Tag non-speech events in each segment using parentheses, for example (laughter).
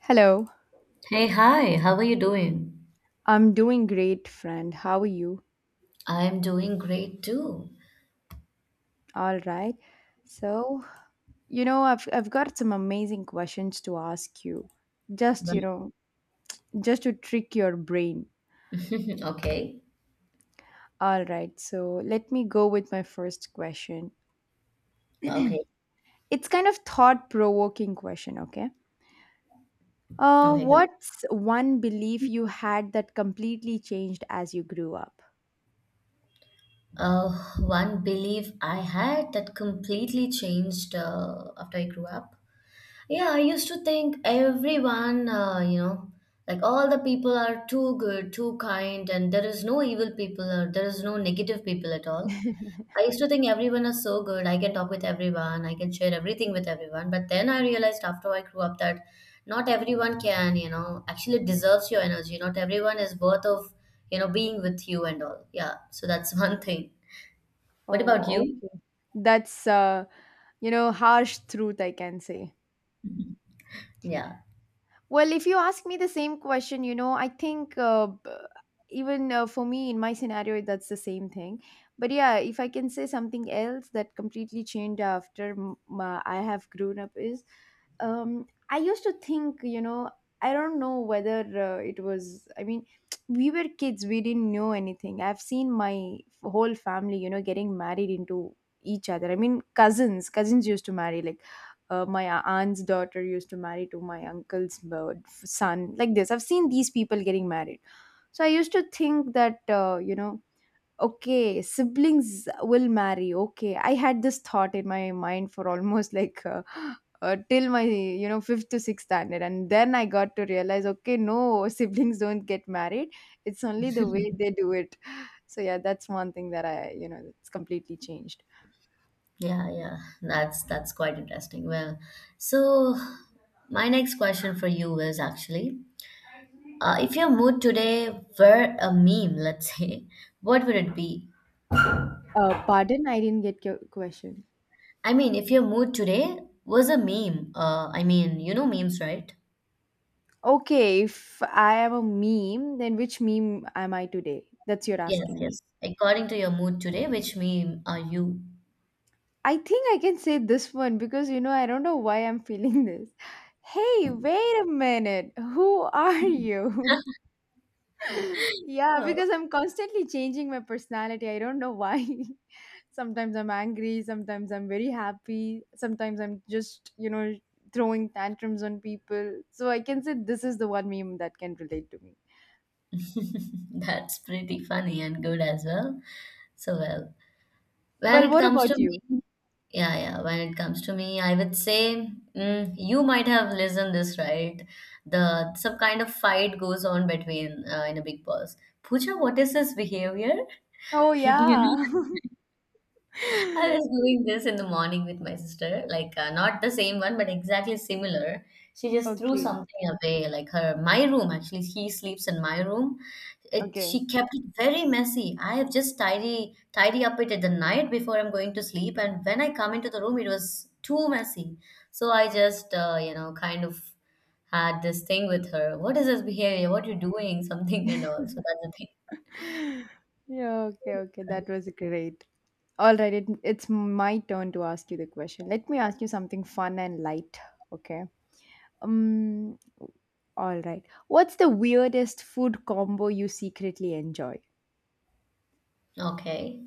Hello, Hey, hi, how are you doing? I'm doing great, friend. How are you? I am doing great too. (laughs) All right. So, I've got some amazing questions to ask you. Just, you Mhm. know, just to trick your brain. Okay, All right. So, let me go with my first question. okay, It's kind of thought-provoking question, okay? Okay, great. What's one belief you had that completely changed as you grew up? Uh, One belief I had that completely changed after I grew up. Yeah, I used to think everyone, like all the people are too good, too kind, and there is no evil people or there is no negative people at all. I used to think everyone is so good. I can talk with everyone. I can share everything with everyone. But then I realized after I grew up that not everyone can, actually deserves your energy. Not everyone is worth of, being with you and all. Yeah. So that's (laughs) one thing. What about Oh, you? okay. That's harsh truth I can say. Yeah. Well, if you ask me the same question, I think even for me in my scenario, that's the same thing. But yeah, if I can say something else that completely changed after I have grown up is, I used to think, I don't know whether it was, I mean, (tsk) we were kids, we didn't know anything. I've seen my whole family, getting married into each other. I mean, cousins used to marry. Like, my aunt's daughter used to marry to my uncle's son, like this. I've seen these people getting married, so I used to think that, okay, siblings will marry. Okay, I had this thought in my mind for almost, (laughs) like, till my, fifth to sixth standard, and then I got to realize, okay, no, (laughs) siblings don't get married, it's only the way they do it. So yeah, that's one thing that I, it's completely changed. Yeah, yeah, that's quite interesting. Well, so my next question for you is actually, if your mood today were a meme, let's say, (laughs) what would it be? Pardon, I didn't get your question. I mean, if your mood today was a meme, I mean, you know memes, right? Okay, if I am a meme, then which meme am I today? That's, you're Yes, asking me. yes. According to your mood today, which meme are you? I think I can say this one because, I don't know why I'm feeling (laughs) this. Hey, wait a minute. Who are you? (laughs) yeah, Oh. because I'm constantly changing my personality. I don't know why. (laughs) sometimes I'm angry, sometimes I'm very happy, sometimes I'm just, throwing tantrums on people. So I can say this is the one meme that can relate to me. (laughs) That's pretty funny and good as well. So well, when Well, it what comes to about you? memes. Yeah, yeah. When it comes to me, I would say you might have listened this right. The some kind of fight goes on between in a big boss. Pooja, what is his behavior? Oh (laughs) you yeah. know. I (laughs) was doing this in the morning with my sister, like not the same one, but exactly similar. She just threw Okay, something away, like her my room. Actually, he sleeps in my room. It okay. she kept it very messy. I have just tidy up it at the night before I'm going to sleep, and when I come into the room, it was too messy. So I just kind of had this thing with her. What is this behavior? What you doing? (laughs) Something and all. So that's the thing. Yeah, okay, okay. That was great. All right, it's my turn to ask you the question. Let me ask you something fun and light, okay? Um, all right. What's the weirdest food combo you secretly enjoy? Okay.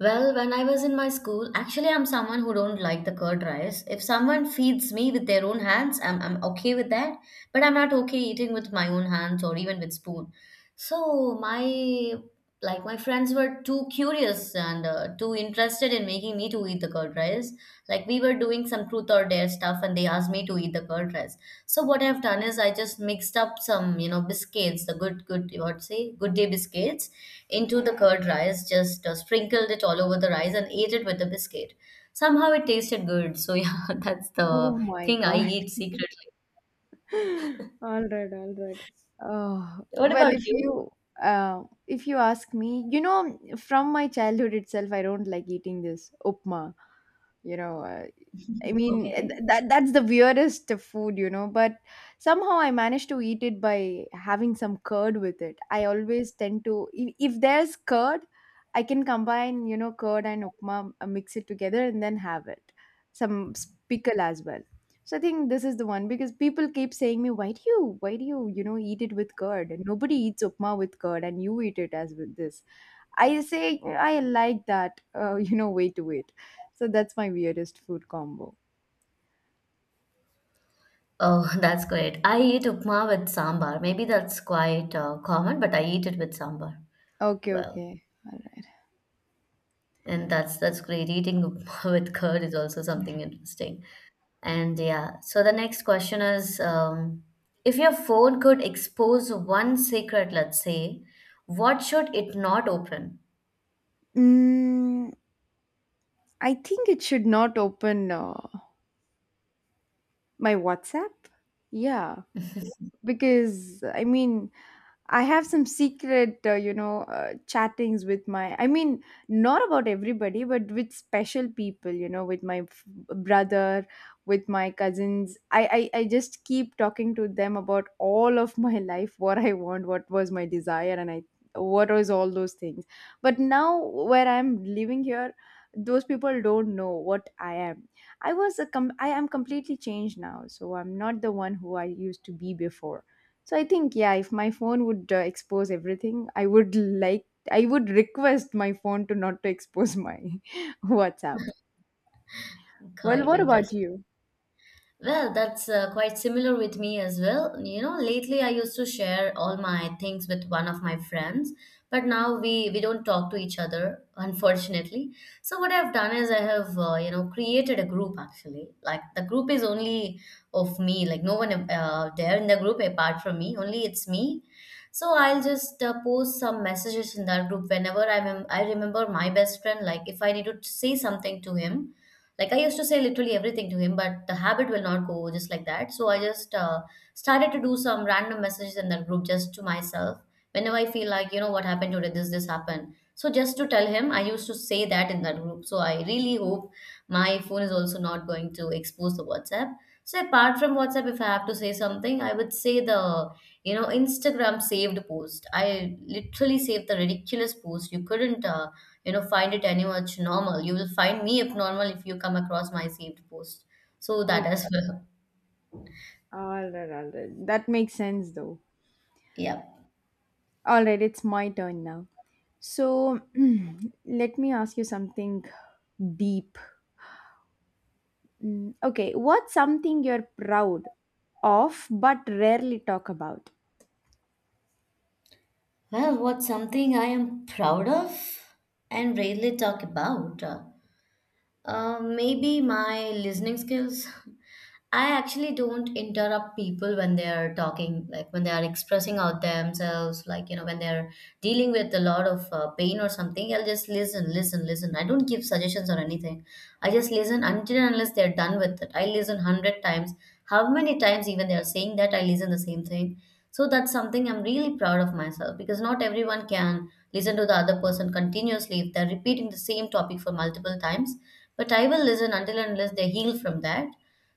Well, when I was in my school, actually, I'm someone who don't like the curd rice. If someone feeds me with their own hands, I'm okay with that. But I'm not okay eating with my own hands or even with spoon. So my like my friends were too curious and too interested in making me to eat the curd rice. Like we were doing some truth or dare stuff, and they asked me to eat the curd rice. So what I've done is I just mixed up some biscuits, the good good what say good day biscuits into the curd rice, just sprinkled it all over the rice and ate it with a biscuit. Somehow it tasted good. So yeah, (laughs) that's Oh the my thing I God. eat secretly. (laughs) All right, all right. Oh, What well, about if you? you uh, if you ask me, from my childhood itself, I don't like eating this upma. You know, uh, I mean, th- Okay. that that's the weirdest food, but somehow I managed to eat it by having some curd with it. I always tend to, if there's curd, I can combine, curd and upma, mix it together and then have it. Some pickle as well. So I think this is the one because people keep saying me, why do you, eat it with curd? And nobody eats upma with curd, and you eat it as with this. I say I like that, (laughs) you know, way to eat. So that's my weirdest food combo. Oh, (laughs) that's great. I eat upma with sambar. Maybe that's quite common, but I eat it with sambar. Okay, Well, okay. All right. and that's great. Eating upma (laughs) with curd is also something interesting. And yeah, so the next question is if your phone could expose one secret, let's say, what should it not open? Mm, I think it should not open my WhatsApp. Yeah, because I mean, I have some secret, chattings with my, I mean, not about everybody, but with special people, with my brother, with my cousins. I just keep talking to them about all of my (laughs) life, what I want, what was my desire, and what was all those things. But now, where I'm living here, those people don't know what I am. I was I am completely changed now, so I'm not the one who I used to be before. So I think, yeah, if my phone would expose everything, I would request my phone to not to expose my (laughs) WhatsApp. Well, Quite what about interesting. you? Well, that's quite similar with me as well. You know, lately I used to share all my things with one of my friends, but now we don't talk to each other, unfortunately. So what I've done is I have created a group actually. Like the group is only of me, like no one there in the group apart from me. Only it's me. So I'll just post some messages in that group whenever I remember my best friend. Like if I need to say something to him, like I used to say literally everything to him, but the habit will not go just like that. So I just started to do some random messages in that group just to myself. Whenever I feel like, what happened today, this happened. So just to tell him, I used to say that in that group. So I really hope my phone is also not going to expose the WhatsApp. So apart from WhatsApp, if I have to say something, I would say the Instagram saved post. I literally saved the ridiculous post. You couldn't find it any much normal. You will find me abnormal if you come across my saved post, so that Okay. as well. All right, all right. That makes sense though. (laughs) Yeah, All right, it's my turn now. So, (clears throat) let me ask you something deep. Okay, what's something you're proud of but rarely talk about? well, what's something I am proud of and rarely talk about? Maybe my listening skills. I actually don't interrupt people when they are talking, like when they are expressing out themselves, like when they're dealing with a lot of pain or something. I'll just listen, listen, listen. I don't give suggestions or anything. I just listen until and unless they're done with it. I listen 100 times. How many times even they are saying that, I listen the same thing. So that's something I'm really proud of myself, because not everyone can listen to the other person continuously if they're repeating the same topic for multiple times, but I will listen until and unless they heal from that.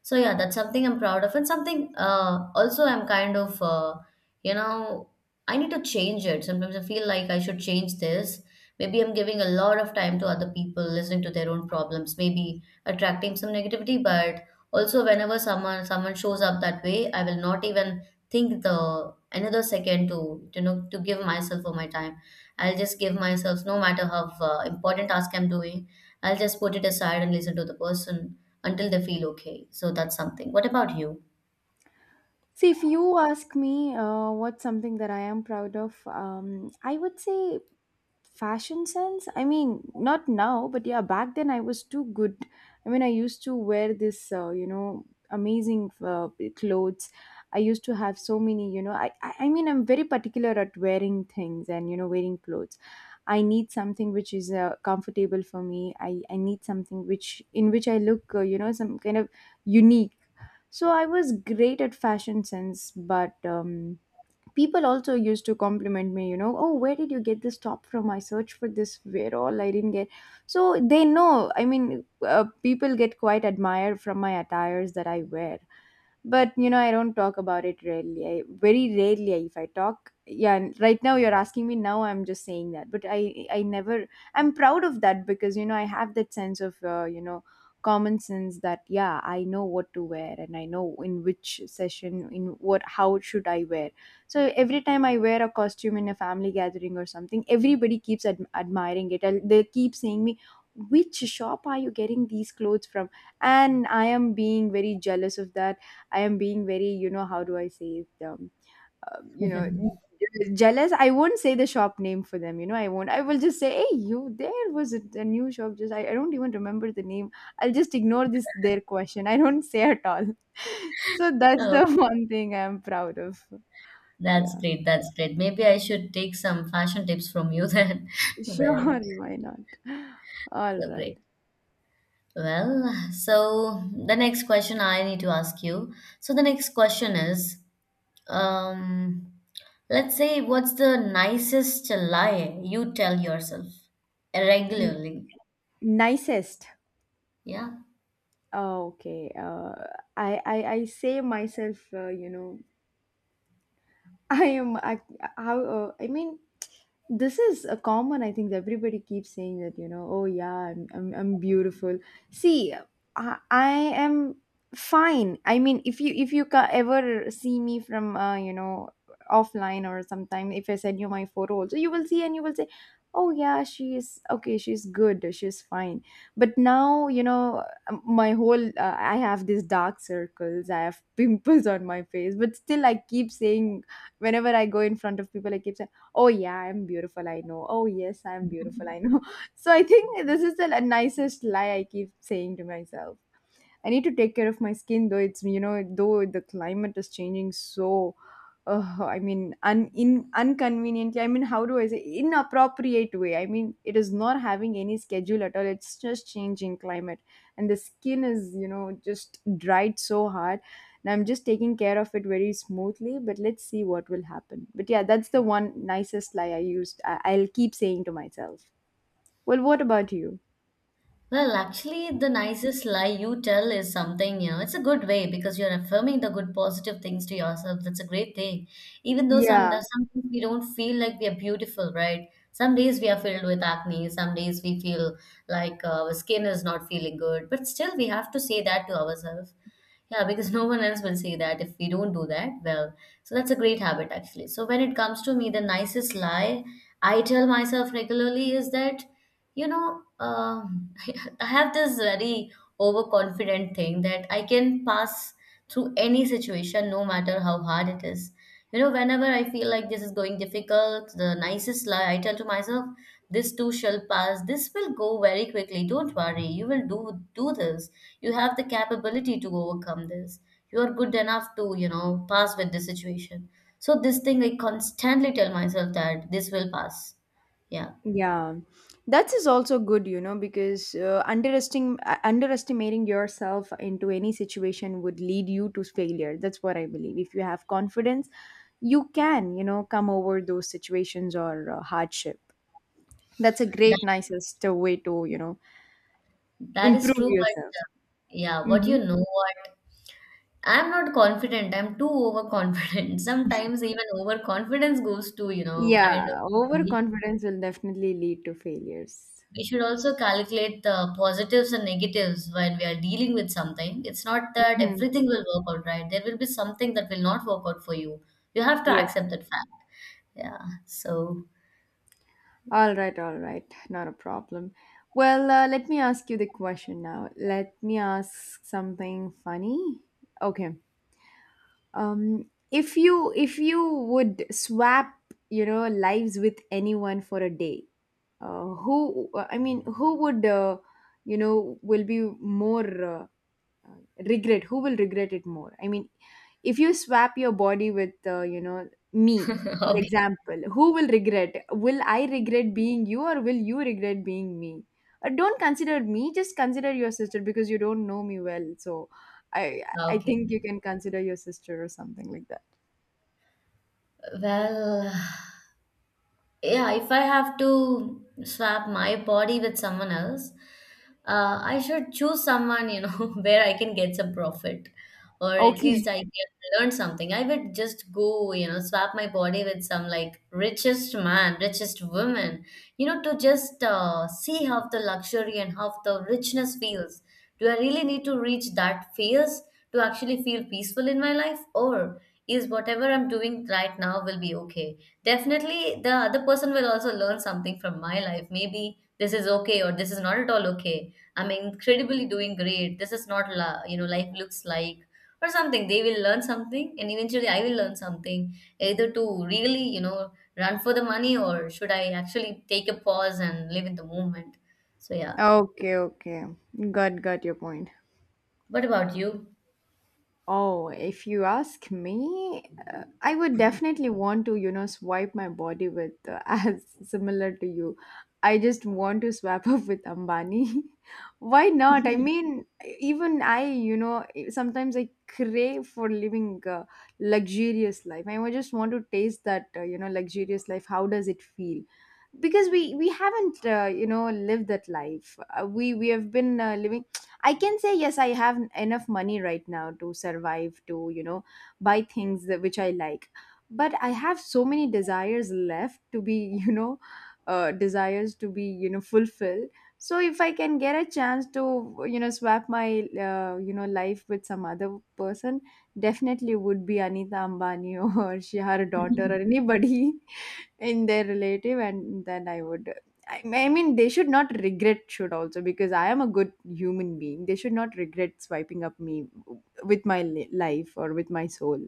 So yeah, that's something I'm proud of, and something also I'm kind of you know I need to change it. Sometimes I feel like I should change this. Maybe I'm giving a lot of time to other people, listening to their own problems, maybe attracting some negativity. But also, whenever someone shows up that way, I will not even think the another second to to give myself for my time. I'll just give myself no matter how important task I'm doing. I'll just put it aside and listen to the person until they feel okay. So that's something. What about you? See, if you ask me, what's something that I am proud of, I would say fashion sense. I mean, not now, but yeah, back then I was too good. I mean, I used to wear this, amazing clothes. I used to have so many, I mean, I'm very particular at wearing things and, wearing clothes. I need something which is comfortable for me. I need something in which I look, some kind of unique. So I was great at fashion sense, but, people also used to compliment me, oh, where did you get this top from? I searched for this, where all I didn't get. So they know, I mean, people get quite admired from my attires that I wear. But, I don't talk about it, rarely. I very rarely, if I talk, yeah. And right now you're asking me, now I'm just saying that, but I never, I'm proud of that, because, I have that sense of, common sense, that, yeah, I know what to wear, and I know in which session, in what, how should I wear. So every time I wear a costume in a family gathering or something, everybody keeps admiring it, and they keep saying me, which shop are you getting these clothes from, and I am being very jealous of that. I am being very, how do I say it? Um, you know, Jealous. I won't say the shop name for them. I won't. I will just say, hey, you, there was a new shop. Just I don't even remember the name. I'll just ignore this, their question. I don't say at all. (laughs) so that's Oh, the (laughs) one thing I am proud of. that's Yeah, great. That's great. Maybe I should take some fashion tips from you then. (laughs) sure. (laughs) Well, Why not? All so right. great. Well, so the next question I need to ask you. So the next question is, um, let's say, what's the nicest lie you tell yourself N- regularly? nicest. Yeah. Oh, okay. I say myself. (laughs) I am. How? I mean, this is a common, I think, that everybody keeps saying, that, oh yeah, I'm beautiful. See, I am fine. I mean, if you ca- ever see me from, offline, or sometime if I send you my photo also, you will see, and you will say, oh yeah, she is okay, she's good, she's fine. But now, my whole, I have these dark circles, I have (laughs) pimples on my face, but still I keep saying, whenever I go in front of people, I keep, oh yeah, I'm beautiful, I know, oh yes, I'm beautiful, I know. (laughs) so I think this is the, nicest lie I keep saying to myself. I need to take care of my skin, though it's you know though the climate is changing, so. I mean, un in inconveniently. I mean, how do I say, inappropriate way? I mean, it is not having any schedule at all. It's just changing climate, and the skin is, just dried so hard. And I'm just taking care of it very smoothly. But let's see what will happen. But yeah, that's the one nicest lie I used. I'll keep saying to myself. Well, what about you? Well, actually, the nicest lie you tell is something, it's a good way because you're affirming the good, positive things to yourself. That's a great thing. Even though some Yeah. sometimes we don't feel like we are beautiful, right? Some days we are filled with acne. Some days we feel like our skin is not feeling good. But still, we have to say that to ourselves. Yeah, because (laughs) no one else will say that if we don't do that. Well, so that's a great habit actually. So when it comes to me, the nicest lie I tell myself regularly is that, you know, um (laughs) I have this very overconfident thing that I can pass through any situation, no matter how hard it is. You know, whenever I feel like this is going difficult, the nicest lie I tell to myself, this too shall pass. This will go very quickly. Don't worry. You will do this. You have the capability to overcome this. You are good enough to, pass with this situation. So this thing I constantly tell myself that this will pass. Yeah. Yeah, that is also good, because underestimating yourself into any situation would lead you to failure. That's what I believe. If you have confidence, you can, come over those situations or hardship. That's a great, nicest way to, That is improve true, yourself. but yeah, what, you Hmm. know what? I'm not confident. I'm too overconfident. (laughs) Sometimes even overconfidence goes to, kind of. Yeah, We overconfidence will definitely lead to failures. we should also calculate the positives and negatives when we are dealing with something. It's not that Mhm. everything will work out right. There will be something that will not work out for you. You have to Yes. accept that fact. Yeah. So, All right, not a problem. Well, let me ask you the question now. Let me ask something funny. Okay. If you would swap, lives with anyone for a day, who, I mean, who would will be more uh, regret, who will regret it more. I mean, if you swap your body with, me, (laughs) for okay. example, who will regret? Will I regret being you, or will you regret being me? Don't consider me, just consider your sister, because you don't know me well. So i I Okay. think you can consider your sister or something like that. Well, yeah, if I have to swap my body with someone else, I should choose someone, (laughs) where I can get some profit or at Okay, least I can learn something. I would just go, swap my body with some like richest man, richest woman, to just see how the luxury and how the richness feels. Do I really need to reach that phase to actually feel peaceful in my life? Or is whatever I'm doing right now will be okay? Definitely, the other person will also learn something from my life. Maybe this is okay or this is not at all okay. I'm incredibly doing great. This is not, life looks like or something. They will learn something, and eventually I will learn something, either to really, run for the money, or should I actually take a pause and live in the moment? So, (laughs) yeah. okay, okay, got your point. What about you? Oh, if you ask me, I would definitely want to, swipe my body with (laughs) as similar to you. I just want to swap (laughs) up with Ambani. (laughs) Why not? I mean, even I, sometimes I crave for living a luxurious life. Just want to taste that, luxurious life. How does it feel? Because we haven't, lived that life. We have been living. I can say yes, I have enough money right now to survive, to, buy things that, which I like. But I have so many desires left to be, (laughs) you know, desires to be, fulfilled. So if I can get a chance to, swap my, life with some other person, definitely would be Anita Ambani (laughs) or she, her daughter or (laughs) anybody in their relative. And then I mean they should not regret, should also, because I am a good human being. They should not regret swiping up me with my life or with my soul.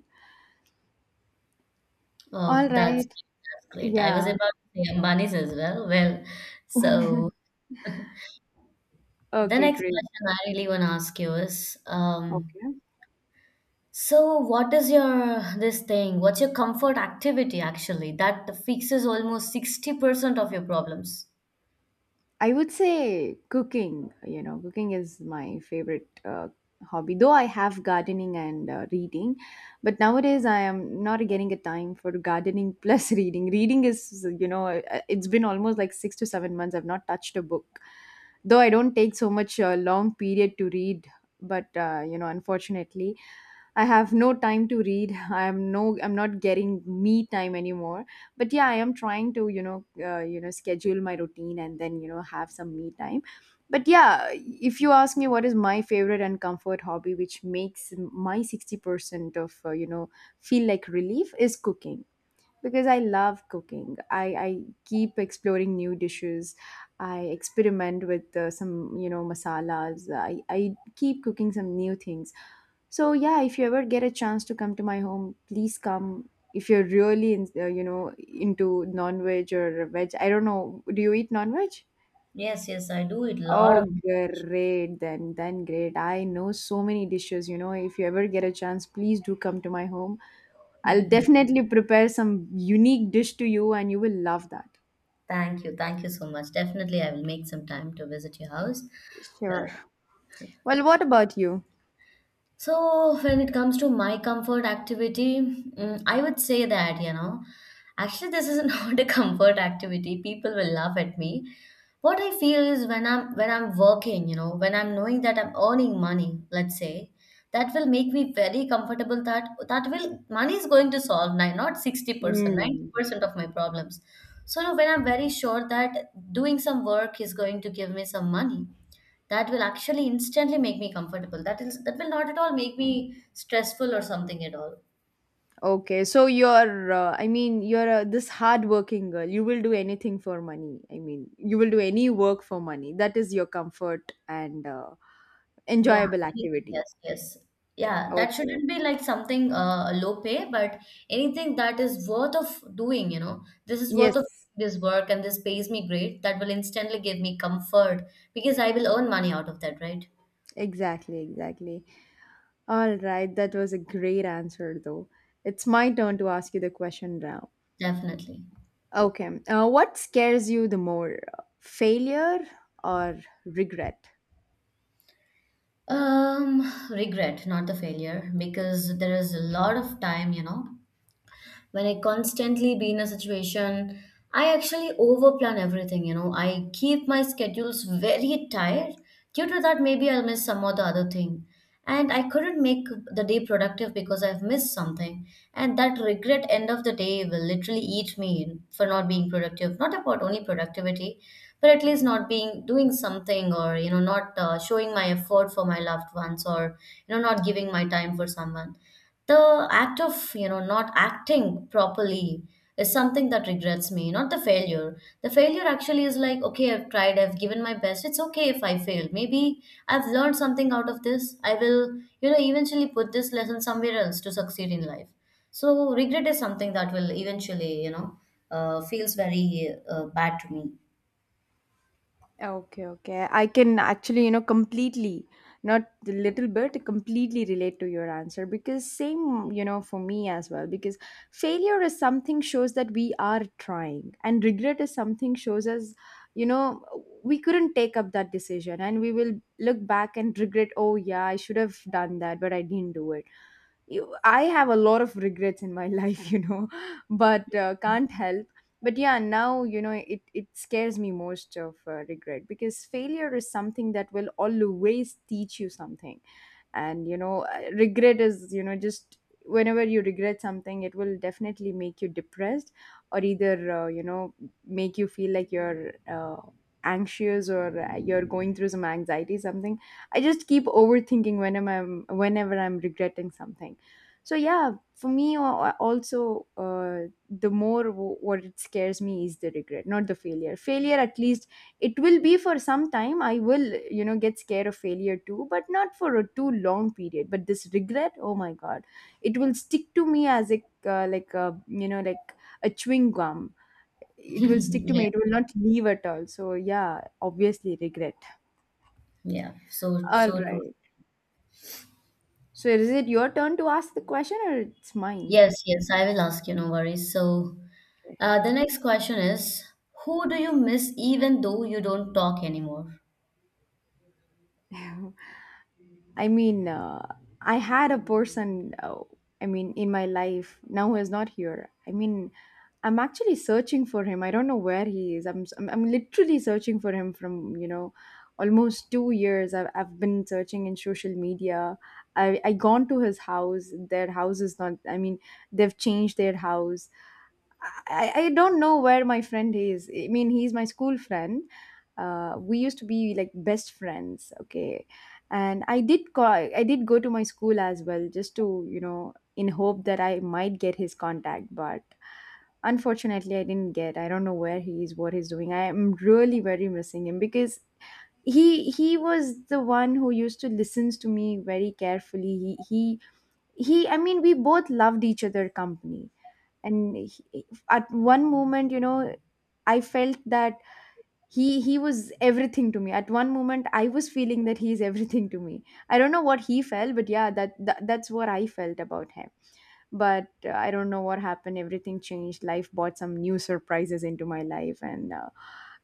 Oh, All that's right. that's great. I was Yeah. about to say Ambani's as well. Well, so (laughs) the Okay, next great. question I really want to ask you is, Okay, so what is your this thing? What's your comfort activity actually that fixes almost 60% of your problems? I would say cooking. You know, cooking is my favorite hobby. Though I have gardening and reading, but nowadays I am not getting a time for gardening plus (laughs) reading. Reading is, you know, it's been almost like 6 to 7 months. I've not touched a book, though I don't take so much long period to read. But unfortunately, I have no time to read. (laughs) I am no, I'm not getting me time anymore, but yeah, I am trying to, you know, schedule my routine, and then you know have some me time. But yeah, if you ask me what is my favorite and comfort hobby which makes my 60% of feel like relief is cooking, because I love cooking. I keep exploring new dishes. I experiment with some, masalas. I keep cooking some new things. So, yeah, if you ever get a chance to come to my home, please come. If you're really, in, into non-veg or veg, I don't know. Do you eat non-veg? Yes, yes, I do it a lot of. Oh, great then great. I know so many dishes, you know. If you ever get a chance, please do come to my home. I'll (laughs) definitely prepare some unique dish to you and you will love that. Thank you so much. Definitely, I will make some time to visit your house. Sure. Well, Well, what about you? so, when it comes to my comfort activity, I would say that, you know, actually, this is (laughs) not a comfort activity. People will laugh at me. What I feel is when I'm working, you know, when I'm knowing that I'm earning money, let's say, that will make me very comfortable. That that will money is going to solve nine, not 60%, Mm. 90% of my problems. So now when I'm very sure that doing some work is going to give me some money, that will actually instantly make me comfortable. That will not at all make me stressful or something at all. Okay, so you're, I mean, you're this hardworking girl. You will do anything for money. I mean, you will do any work for money. That is your comfort and Yeah. enjoyable activity. Yes, yes. Yeah, that Okay, okay. shouldn't be like something low pay, but anything that is worth of doing, you know, this is worth Yes, of this work and this pays me great, that will instantly give me comfort because I will earn money out of that, right? exactly, exactly. All right, that was a great answer, though. It's my turn to ask you the question now. Definitely. Okay. What scares you the more, failure or regret? Um, Regret, not the failure, because there is a lot of time, you know, when I constantly be in a situation, I actually overplan everything, you know. I keep my schedules very tight. Due to that, maybe I'll miss some or the other thing. And I couldn't make the day productive because I've missed something. And that regret end of the day will literally eat me in for not being productive. Not about only productivity, but at least not being doing something, or you know, not showing my effort for my loved ones, or you know, not giving my time for someone, the act of you know not acting properly is something that regrets me, not the failure. The failure actually is like, okay, I've tried, I've given my best. It's okay if I failed. Maybe I've learned something out of this. I will, you know, eventually put this lesson somewhere else to succeed in life. So regret is something that will eventually, you know, feels very bad to me. Okay, okay. I can actually, you know, not a little bit, completely relate to your answer, because same, you know, for me as well. Because failure is something shows that we are trying, and regret is something shows us, you know, we couldn't take up that decision, and we will look back and regret. Oh yeah, I should have done that, but I didn't do it. You, I have a lot of regrets in my (laughs) life, you know, but can't help. But yeah, now you know it scares me most of regret, because failure is something that will always teach you something, and you know regret is you know just whenever you regret something, it will definitely make you depressed, or either you know make you feel like you're anxious, or you're going through some anxiety something. I just keep overthinking whenever i'm regretting something. So yeah, for me, also the more what it scares me is the regret, not the failure. Failure at least, it will be for some time. I will you know get scared of failure too, but not for a too long period. But this regret, oh my god, it will stick to me as a like a you know like a chewing gum. (clears throat) It will stick (laughs) to Yeah, me, it will not leave at all. So yeah, obviously regret. yeah, so All so true. right, so is it your turn to ask the question or it's mine? Yes, yes, I will ask you, no worries. So, Okay. The next question is, who do you miss even though you don't talk anymore? (laughs) I mean, I had a person, I mean, in my life now who is not here. I mean, I'm actually searching for him. I don't know where he is. I'm literally searching for him from you know almost 2 years. I've been searching in social media. I gone to his house. Their house is not. I mean, they've changed their house. I don't know where my friend is. I mean, he's my school friend. We used to be like best friends. Okay, and I did call. I did go to my school as well, just to you know in hope that I might get his contact, but unfortunately, I didn't get. I don't know where he is, what he's doing. I am really very missing him, because he was the one who used to listens to me very carefully. He. I mean, we both loved each other company, and he, at one moment, you know, I felt that he was everything to me. At one moment, I was feeling that he is everything to me. I don't know what he felt, but yeah, that that's what I felt about him. But I don't know what happened. Everything changed. Life brought some new surprises into my life, and uh,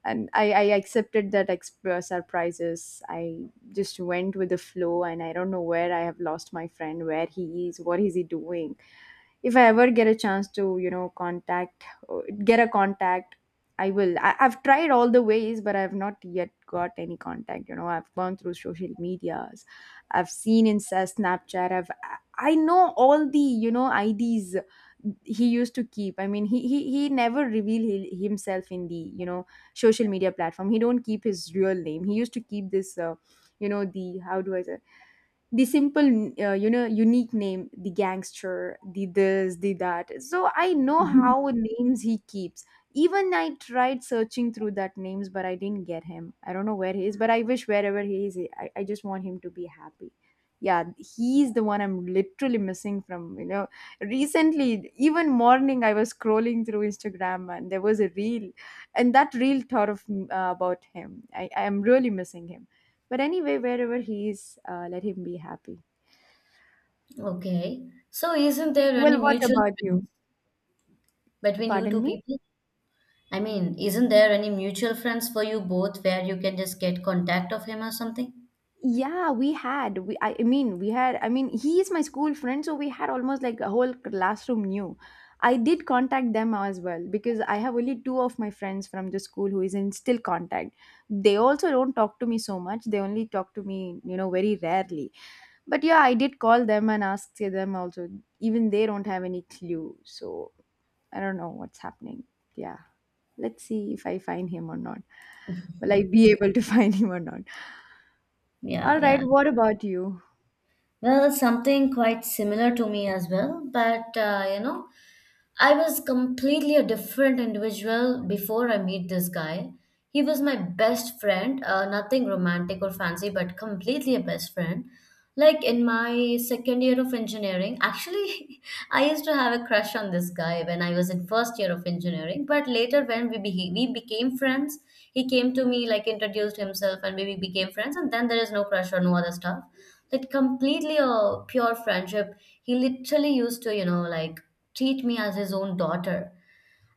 and I, I accepted that surprises. I just went with the flow, and I don't know where I have lost my friend, where he is, what is he doing. If I ever get a chance to, you know, get a contact, I will. I've tried all the ways, but I've not yet got any contact. You know, I've gone through social medias, I've seen Insta, Snapchat. I know all the you know IDs he used to keep. I mean, he never revealed himself in the you know social media platform. He don't keep his real name. He used to keep this. You know, the how do I say, the simple you know unique name, the gangster, the this, the that. So I (laughs) know Mhm. how names he keeps. Even I tried searching through that names, but I didn't get him. I don't know where he is, but I wish wherever he is, I just want him to be happy. Yeah, he's the one I'm literally missing from you know recently. Even morning I was scrolling through Instagram, and there was a reel, and that reel thought of about him. I am really missing him. But anyway, wherever he is, let him be happy. Okay. So, isn't there any Well, what mutual about friends you? between you two Pardon me? people? I mean, isn't there any mutual friends for you both where you can just get contact of him or something? Yeah, we I mean we had, I mean, he is my school friend, so we had almost like a whole classroom knew. I did contact them as well, because I have only two of my friends from the school who is in still contact. They also don't talk to me so much, they only talk to me you know very rarely. But yeah, I did call them and ask them also. Even they don't have any clue, so I don't know what's happening. Yeah, let's see if I find him or not, will I be able to (laughs) find him or not. Yeah, All yeah. right, what about you? Well, something quite similar to me as well, but you know, I was completely a different individual before I meet this guy. He was my best friend, nothing romantic or fancy, but completely a best friend. Like in my second year of engineering, actually, (laughs) I used to have a crush on this guy when I was in first year of engineering. But later, when we became friends, he came to me, like introduced himself, and we became friends. And then there is no crush or no other stuff. Like completely a pure friendship. He literally used to, you know, like treat me as his own daughter.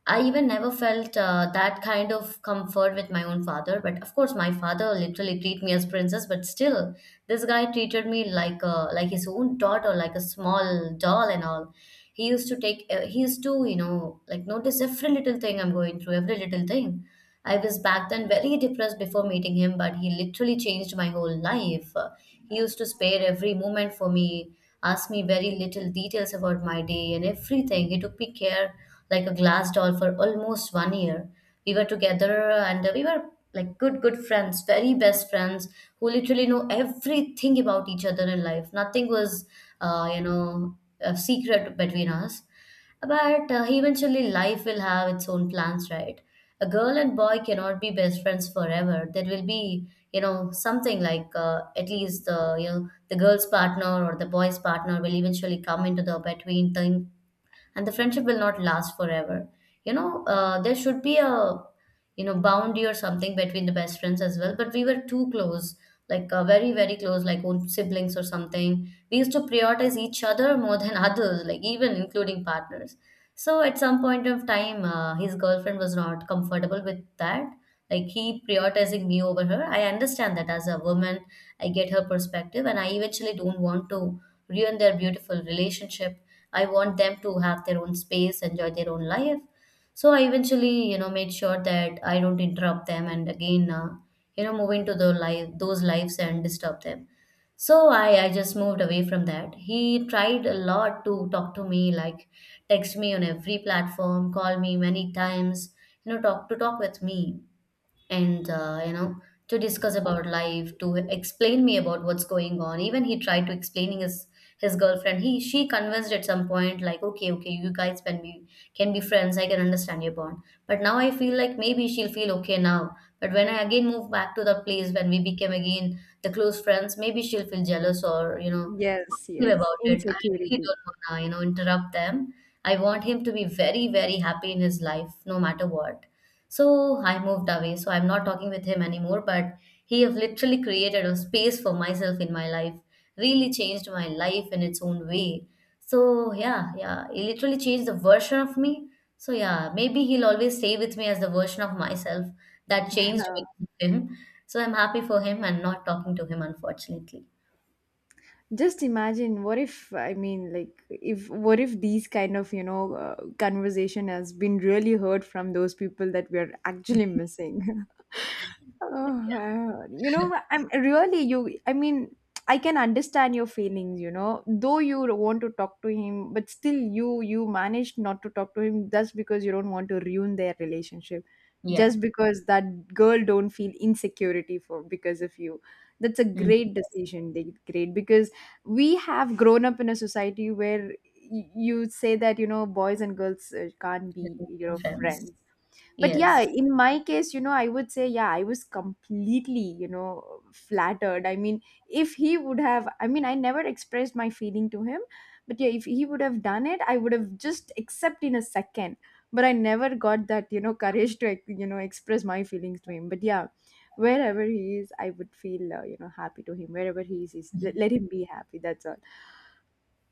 I even never felt that kind of comfort with my own father. But of course, my father literally treat me as princess. But still, this guy treated me like a, like his own daughter, like a small doll and all. He used to, you know, like notice every little thing I'm going through, every little thing. I was back then very depressed before meeting him, but he literally changed my whole life. He used to spare every moment for me, ask me very little details about my day and everything. He took me care like a glass doll for almost one year. We were together and we were like good, good friends, very best friends who literally know everything about each other in life. Nothing was, you know, a secret between us. But eventually, life will have its own plans, right? A girl and boy cannot be best friends forever. There will be, you know, something like at least the you know the girl's partner or the boy's partner will eventually come into the between thing, and the friendship will not last forever. You know, there should be a you know boundary or something between the best friends as well. But we were too close, like very very close, like own siblings or something. We used to prioritize each other more than (laughs) others, like even including partners. So at some point of time, his girlfriend was not comfortable with that. Like he prioritizing me over her. I understand that as a woman, I get her perspective, and I eventually don't want to ruin their beautiful relationship. I want them to have their own space, enjoy their own life. So I eventually, you know, made sure that I don't interrupt them, and again, you know, move into the life, those lives and disturb them. So I just moved away from that. He tried a lot to talk to me, like text me on every platform, call me many times, you know, talk with me, and you know, to discuss about life, to explain me about what's going on. Even he tried to explaining his girlfriend. He, she convinced at some point, like, okay, okay, you guys can be, can be friends, I can understand your bond. But now I feel like maybe she'll feel okay now, but when I again move back to the place when we became again the close friends, maybe she'll feel jealous or you know Yes, feel yes, about it. I really insecurity. don't want to you know interrupt them. I want him to be very very happy in his life, no matter what. So I moved away. So I'm not talking with him anymore, but he have literally created a space for myself in my life, really changed my life in its own way. So yeah, yeah, he literally changed the version of me. So yeah, maybe he'll always stay with me as the version of myself that changed Uh, with him. So I'm happy for him and not talking to him, unfortunately. just imagine what if, I mean, like, if what if these kind of, you know, conversation has been really heard from those people that we are actually missing? (laughs) You know, I'm really you. I mean, I can understand your feelings. You know, though you want to talk to him, but still, you managed not to talk to him just because you don't want to ruin their relationship, Yeah. just because that girl don't feel insecurity for because of you. That's a Mm. great decision. Great, because we have grown up in a society where you say that you know boys and girls can't be you know Friends. friends. But yeah, Yes. in my case, you know, I would say yeah, I was completely you know flattered. I mean, if he would have, I mean, I never expressed my feeling to him. But yeah, if he would have done it, I would have just accept in a second. But I never got that you know courage to you know express my feelings to him. But yeah, wherever he is, I would feel you know happy to him. Wherever he is, let let him be happy, that's all.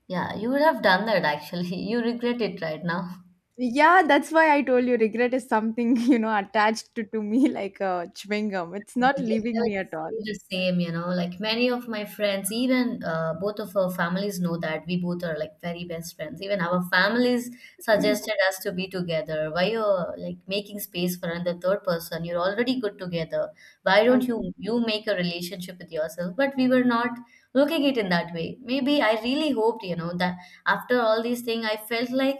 Yeah, you would have done that actually. (laughs) You regret it right now. Yeah, that's why I told you regret is something, (laughs) you know, attached to me like a chewing gum. It's not But yeah, leaving me at all. say the same, you know, like many of my friends, even both of our families know that we both are like very best friends. Even our families suggested (clears throat) us to be together. Why you're like making space for another third person? You're already good together. Why don't you Okay, you make a relationship with yourself? But we were not looking it in that way. Maybe I really hoped, you know, that after all these things, I felt like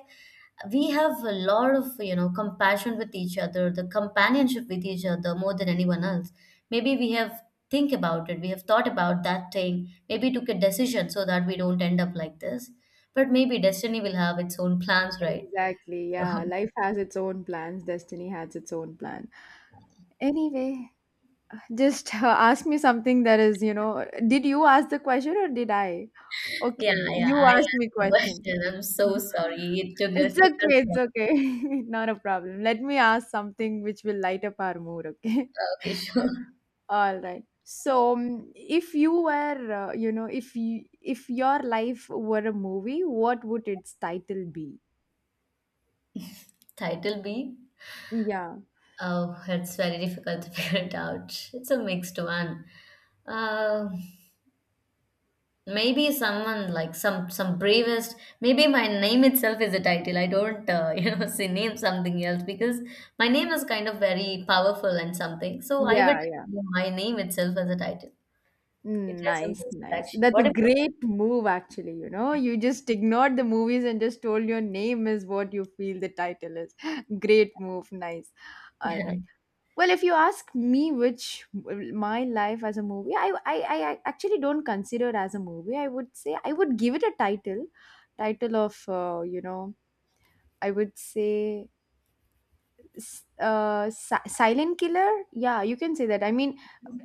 we have a lot of you know compassion with each other, the companionship with each other more than anyone else. Maybe we have think about it, we have thought about that thing, maybe took a decision so that we don't end up like this. But maybe destiny will have its own plans, right? exactly. So, Yeah, life has its own plans, destiny has its own plan. Anyway, just ask me something that is, did you ask the question or did I? (laughs) yeah, Okay, yeah, you I asked asked me the question. question. I'm so (laughs) sorry it took us It's okay, long. it's okay. (laughs) Not a problem. Let me ask something which will light up our mood, okay? Okay, sure. All right. If you were, if your life were a movie, what would its title be? (laughs) Title b. Yeah, Oh, it's very difficult to (laughs) figure it out. It's a mixed one. uh, Maybe someone like some bravest. Maybe my name itself is a title. I don't (laughs) you know, say name something else because my name is kind of very powerful and something. So I would yeah. name my name itself as a title. It has a Nice, meaning nice. actually. That's What a about you? great move, actually. You know, you just ignored the movies and just told your name is what you feel the title is. (gasps) (laughs) Great move, nice. (laughs) All Yeah. right. Well, if you ask me which my life as a movie, I actually don't consider it as a movie. I would say I would give it a title, title of, I would say silent killer. Yeah, you can say that. I mean,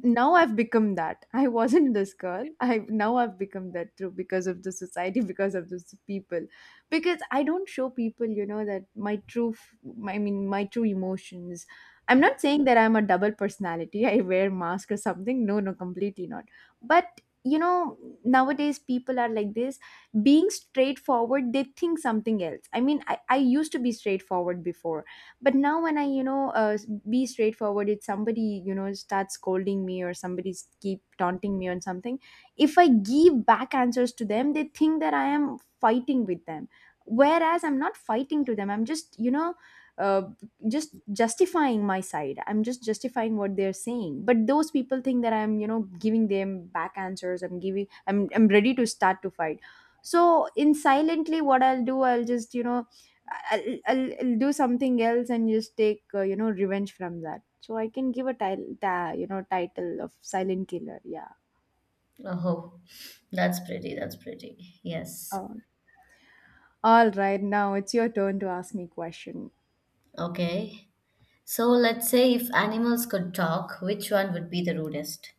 now I've become that. (laughs) I wasn't this girl. I now I've become that through because of the society. (laughs) Because of the people, because I don't show people, you know, that my I mean my true emotions. I'm not saying that I'm a double personality. (laughs) I wear mask or something. No, no, completely not. But you know, nowadays people are like this. Being straightforward, they think something else. I mean, I used to be straightforward before. But now when I, you know, be straightforward, if somebody, you know, starts scolding me or somebody keep taunting me on something, if I give back answers to them, they think that I am fighting with them, whereas I'm not fighting to them. I'm just, you know, uh, just justifying my side. I'm just justifying what they're saying, but those people think that I'm, you know, giving them back answers. I'm ready to start to fight. So in silently, what I'll do, I'll just, you know, I'll do something else and just take, you know, revenge from that. So I can give a title, you know, title of silent killer, yeah. Oh, that's pretty. That's pretty. Yes. um, all right, now it's your turn to ask me question. Okay. So let's say if animals could talk, which one would be the rudest?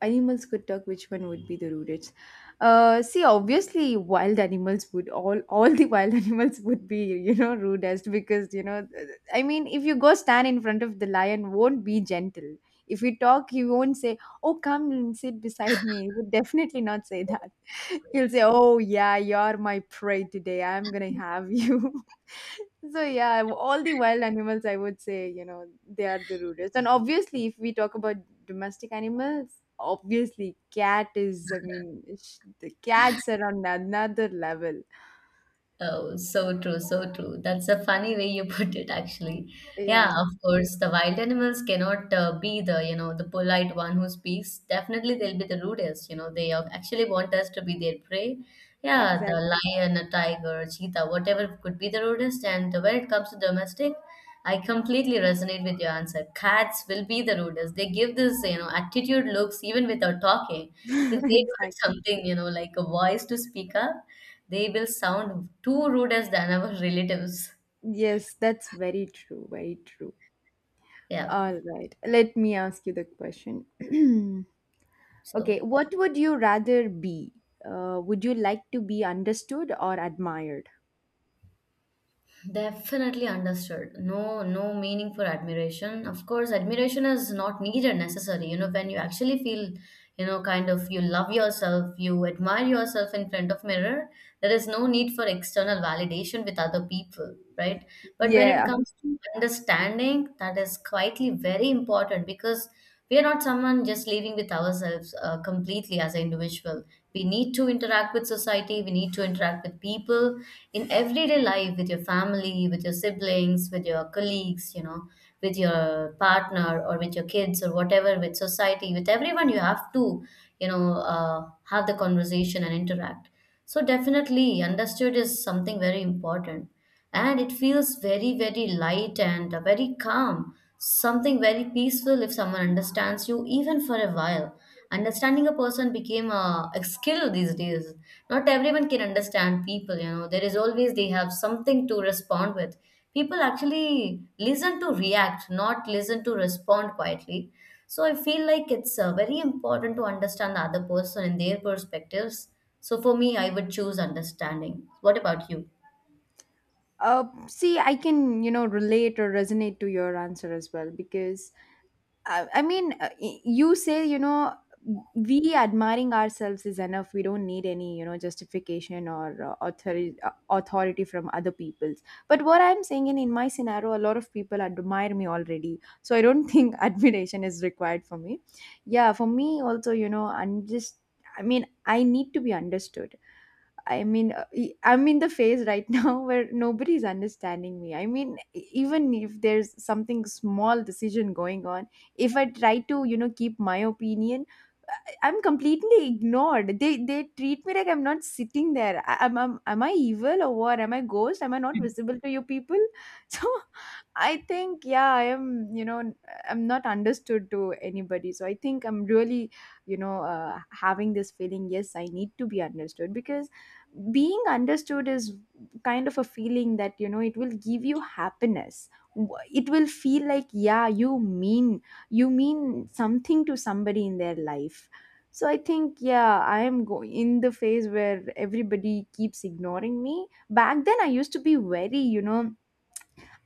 Animals could talk, which one would be the rudest? See, obviously, wild animals would all (laughs) all the wild (laughs) animals would be, you know, rudest, because you know, I mean, if you go stand in front of the lion, won't be gentle. If you talk, he won't say, "Oh, come and sit beside me." He would definitely not say that. (laughs) He'll say, "Oh yeah, you're my prey today. I'm gonna have you." (laughs) So yeah, all the wild animals, I would say, you know, they are the rudest. And obviously, if we talk about domestic animals, obviously, cat is. I mean, the cats are on another level. Oh, so true, so true. That's a funny way you (laughs) put it, actually. Yeah, of Yeah, course, the wild animals cannot be the, you know, the polite one who speaks. Definitely, they'll be the rudest. You know, they actually want us to be their prey. Yeah, the exactly, lion, a tiger, cheetah, whatever could be the rudest. And when it comes to domestic, I completely resonate with your answer. Cats will be the rudest. They give this, you know, attitude looks even without talking. (laughs) If they got exactly. something, you know, like a voice to speak up. They will sound too rude as than our relatives. Yes, that's very true. Very true. Yeah. All right, let me ask you the question. (clears throat) Okay, So what would you rather be? Would you like to be understood or admired? definitely understood. No, no meaning for admiration. Of course, admiration is not needed necessary. You know, when you actually feel, you know, kind of you love yourself, you admire yourself in front of mirror, there is no need for external validation with other people, right? But when it Yeah. comes to understanding, that is quietly very important because we are not someone just living with ourselves completely as an individual. We need to interact with society, we need to interact with people in everyday life, with your family, with your siblings, with your colleagues, you know, with your partner or with your kids or whatever, with society, with everyone, you have to, you know, uh, have the conversation and interact. So definitely understood is something very important, and it feels very very light and very calm, something very peaceful if someone understands you even for a while. Understanding a person became a skill these days. Not everyone can understand people, you know. There is always they have something to respond with. People actually listen to react, not listen to respond quietly. So I feel like it's very important to understand the other person and their perspectives. So for me, I would choose understanding. What about you? See, I can, you know, relate or resonate to your answer as well, because I mean, you say, you know, we admiring ourselves is enough. We don't need any, you know, justification or authority from other people's. But what I'm saying in my scenario, a lot of people admire me already. So I don't think (laughs) admiration is required for me. Yeah, for me also, you know, I mean, I need to be understood. I mean, I'm in the phase right (laughs) now where nobody's understanding me. I mean, even if there's something small decision going on, if I try to, you know, keep my opinion, I'm completely ignored. They treat me like I'm not sitting there. Am I evil or what? Am I ghost? Am I not visible to you people? (laughs) So I think yeah, I am. You know, I'm not understood to anybody. So I think I'm really, you know, having this feeling. Yes, I need to be understood, because being understood is kind of a feeling that you know it will give you happiness. It will feel like yeah, mean you mean something to somebody in their life. So I think, yeah, I am going in the phase where everybody keeps ignoring me. Back then, I used to be very, you know,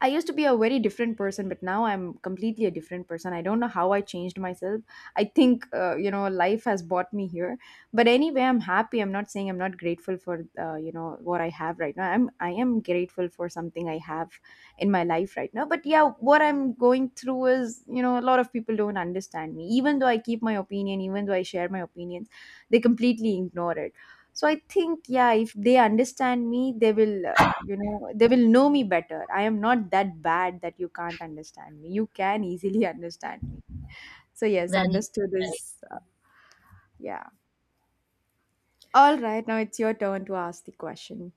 I used to be a very different person, but now I'm completely a different person. I don't know how I changed myself. I think, you know, life has brought me here. But anyway, I'm happy. I'm not saying I'm not grateful for, you know, what I have right now. I am grateful for something I have in my life right now. But yeah, what I'm going through is, you know, a lot of people don't understand me. Even though I keep my opinion, even though I share my opinions, they completely ignore it. So I think yeah, if they understand me, they will, you know, they will know me better. I am not that bad that you can't understand me. You can easily (laughs) understand me. So yes, Very, understood very. is yeah. All right, now it's your turn to ask the question.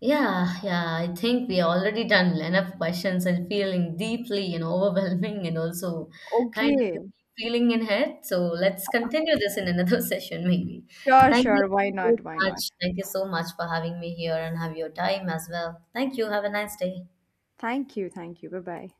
Yeah, yeah. I think we already done enough questions and feeling deeply and (laughs) overwhelming and also kind of Okay, feeling in head. So let's continue this in another (laughs) session, maybe. sure, Thank you sure, why so not, why not. much. Thank you so much for having me here and have your time as well. Thank you. Have a nice day. Thank you, thank you, bye bye.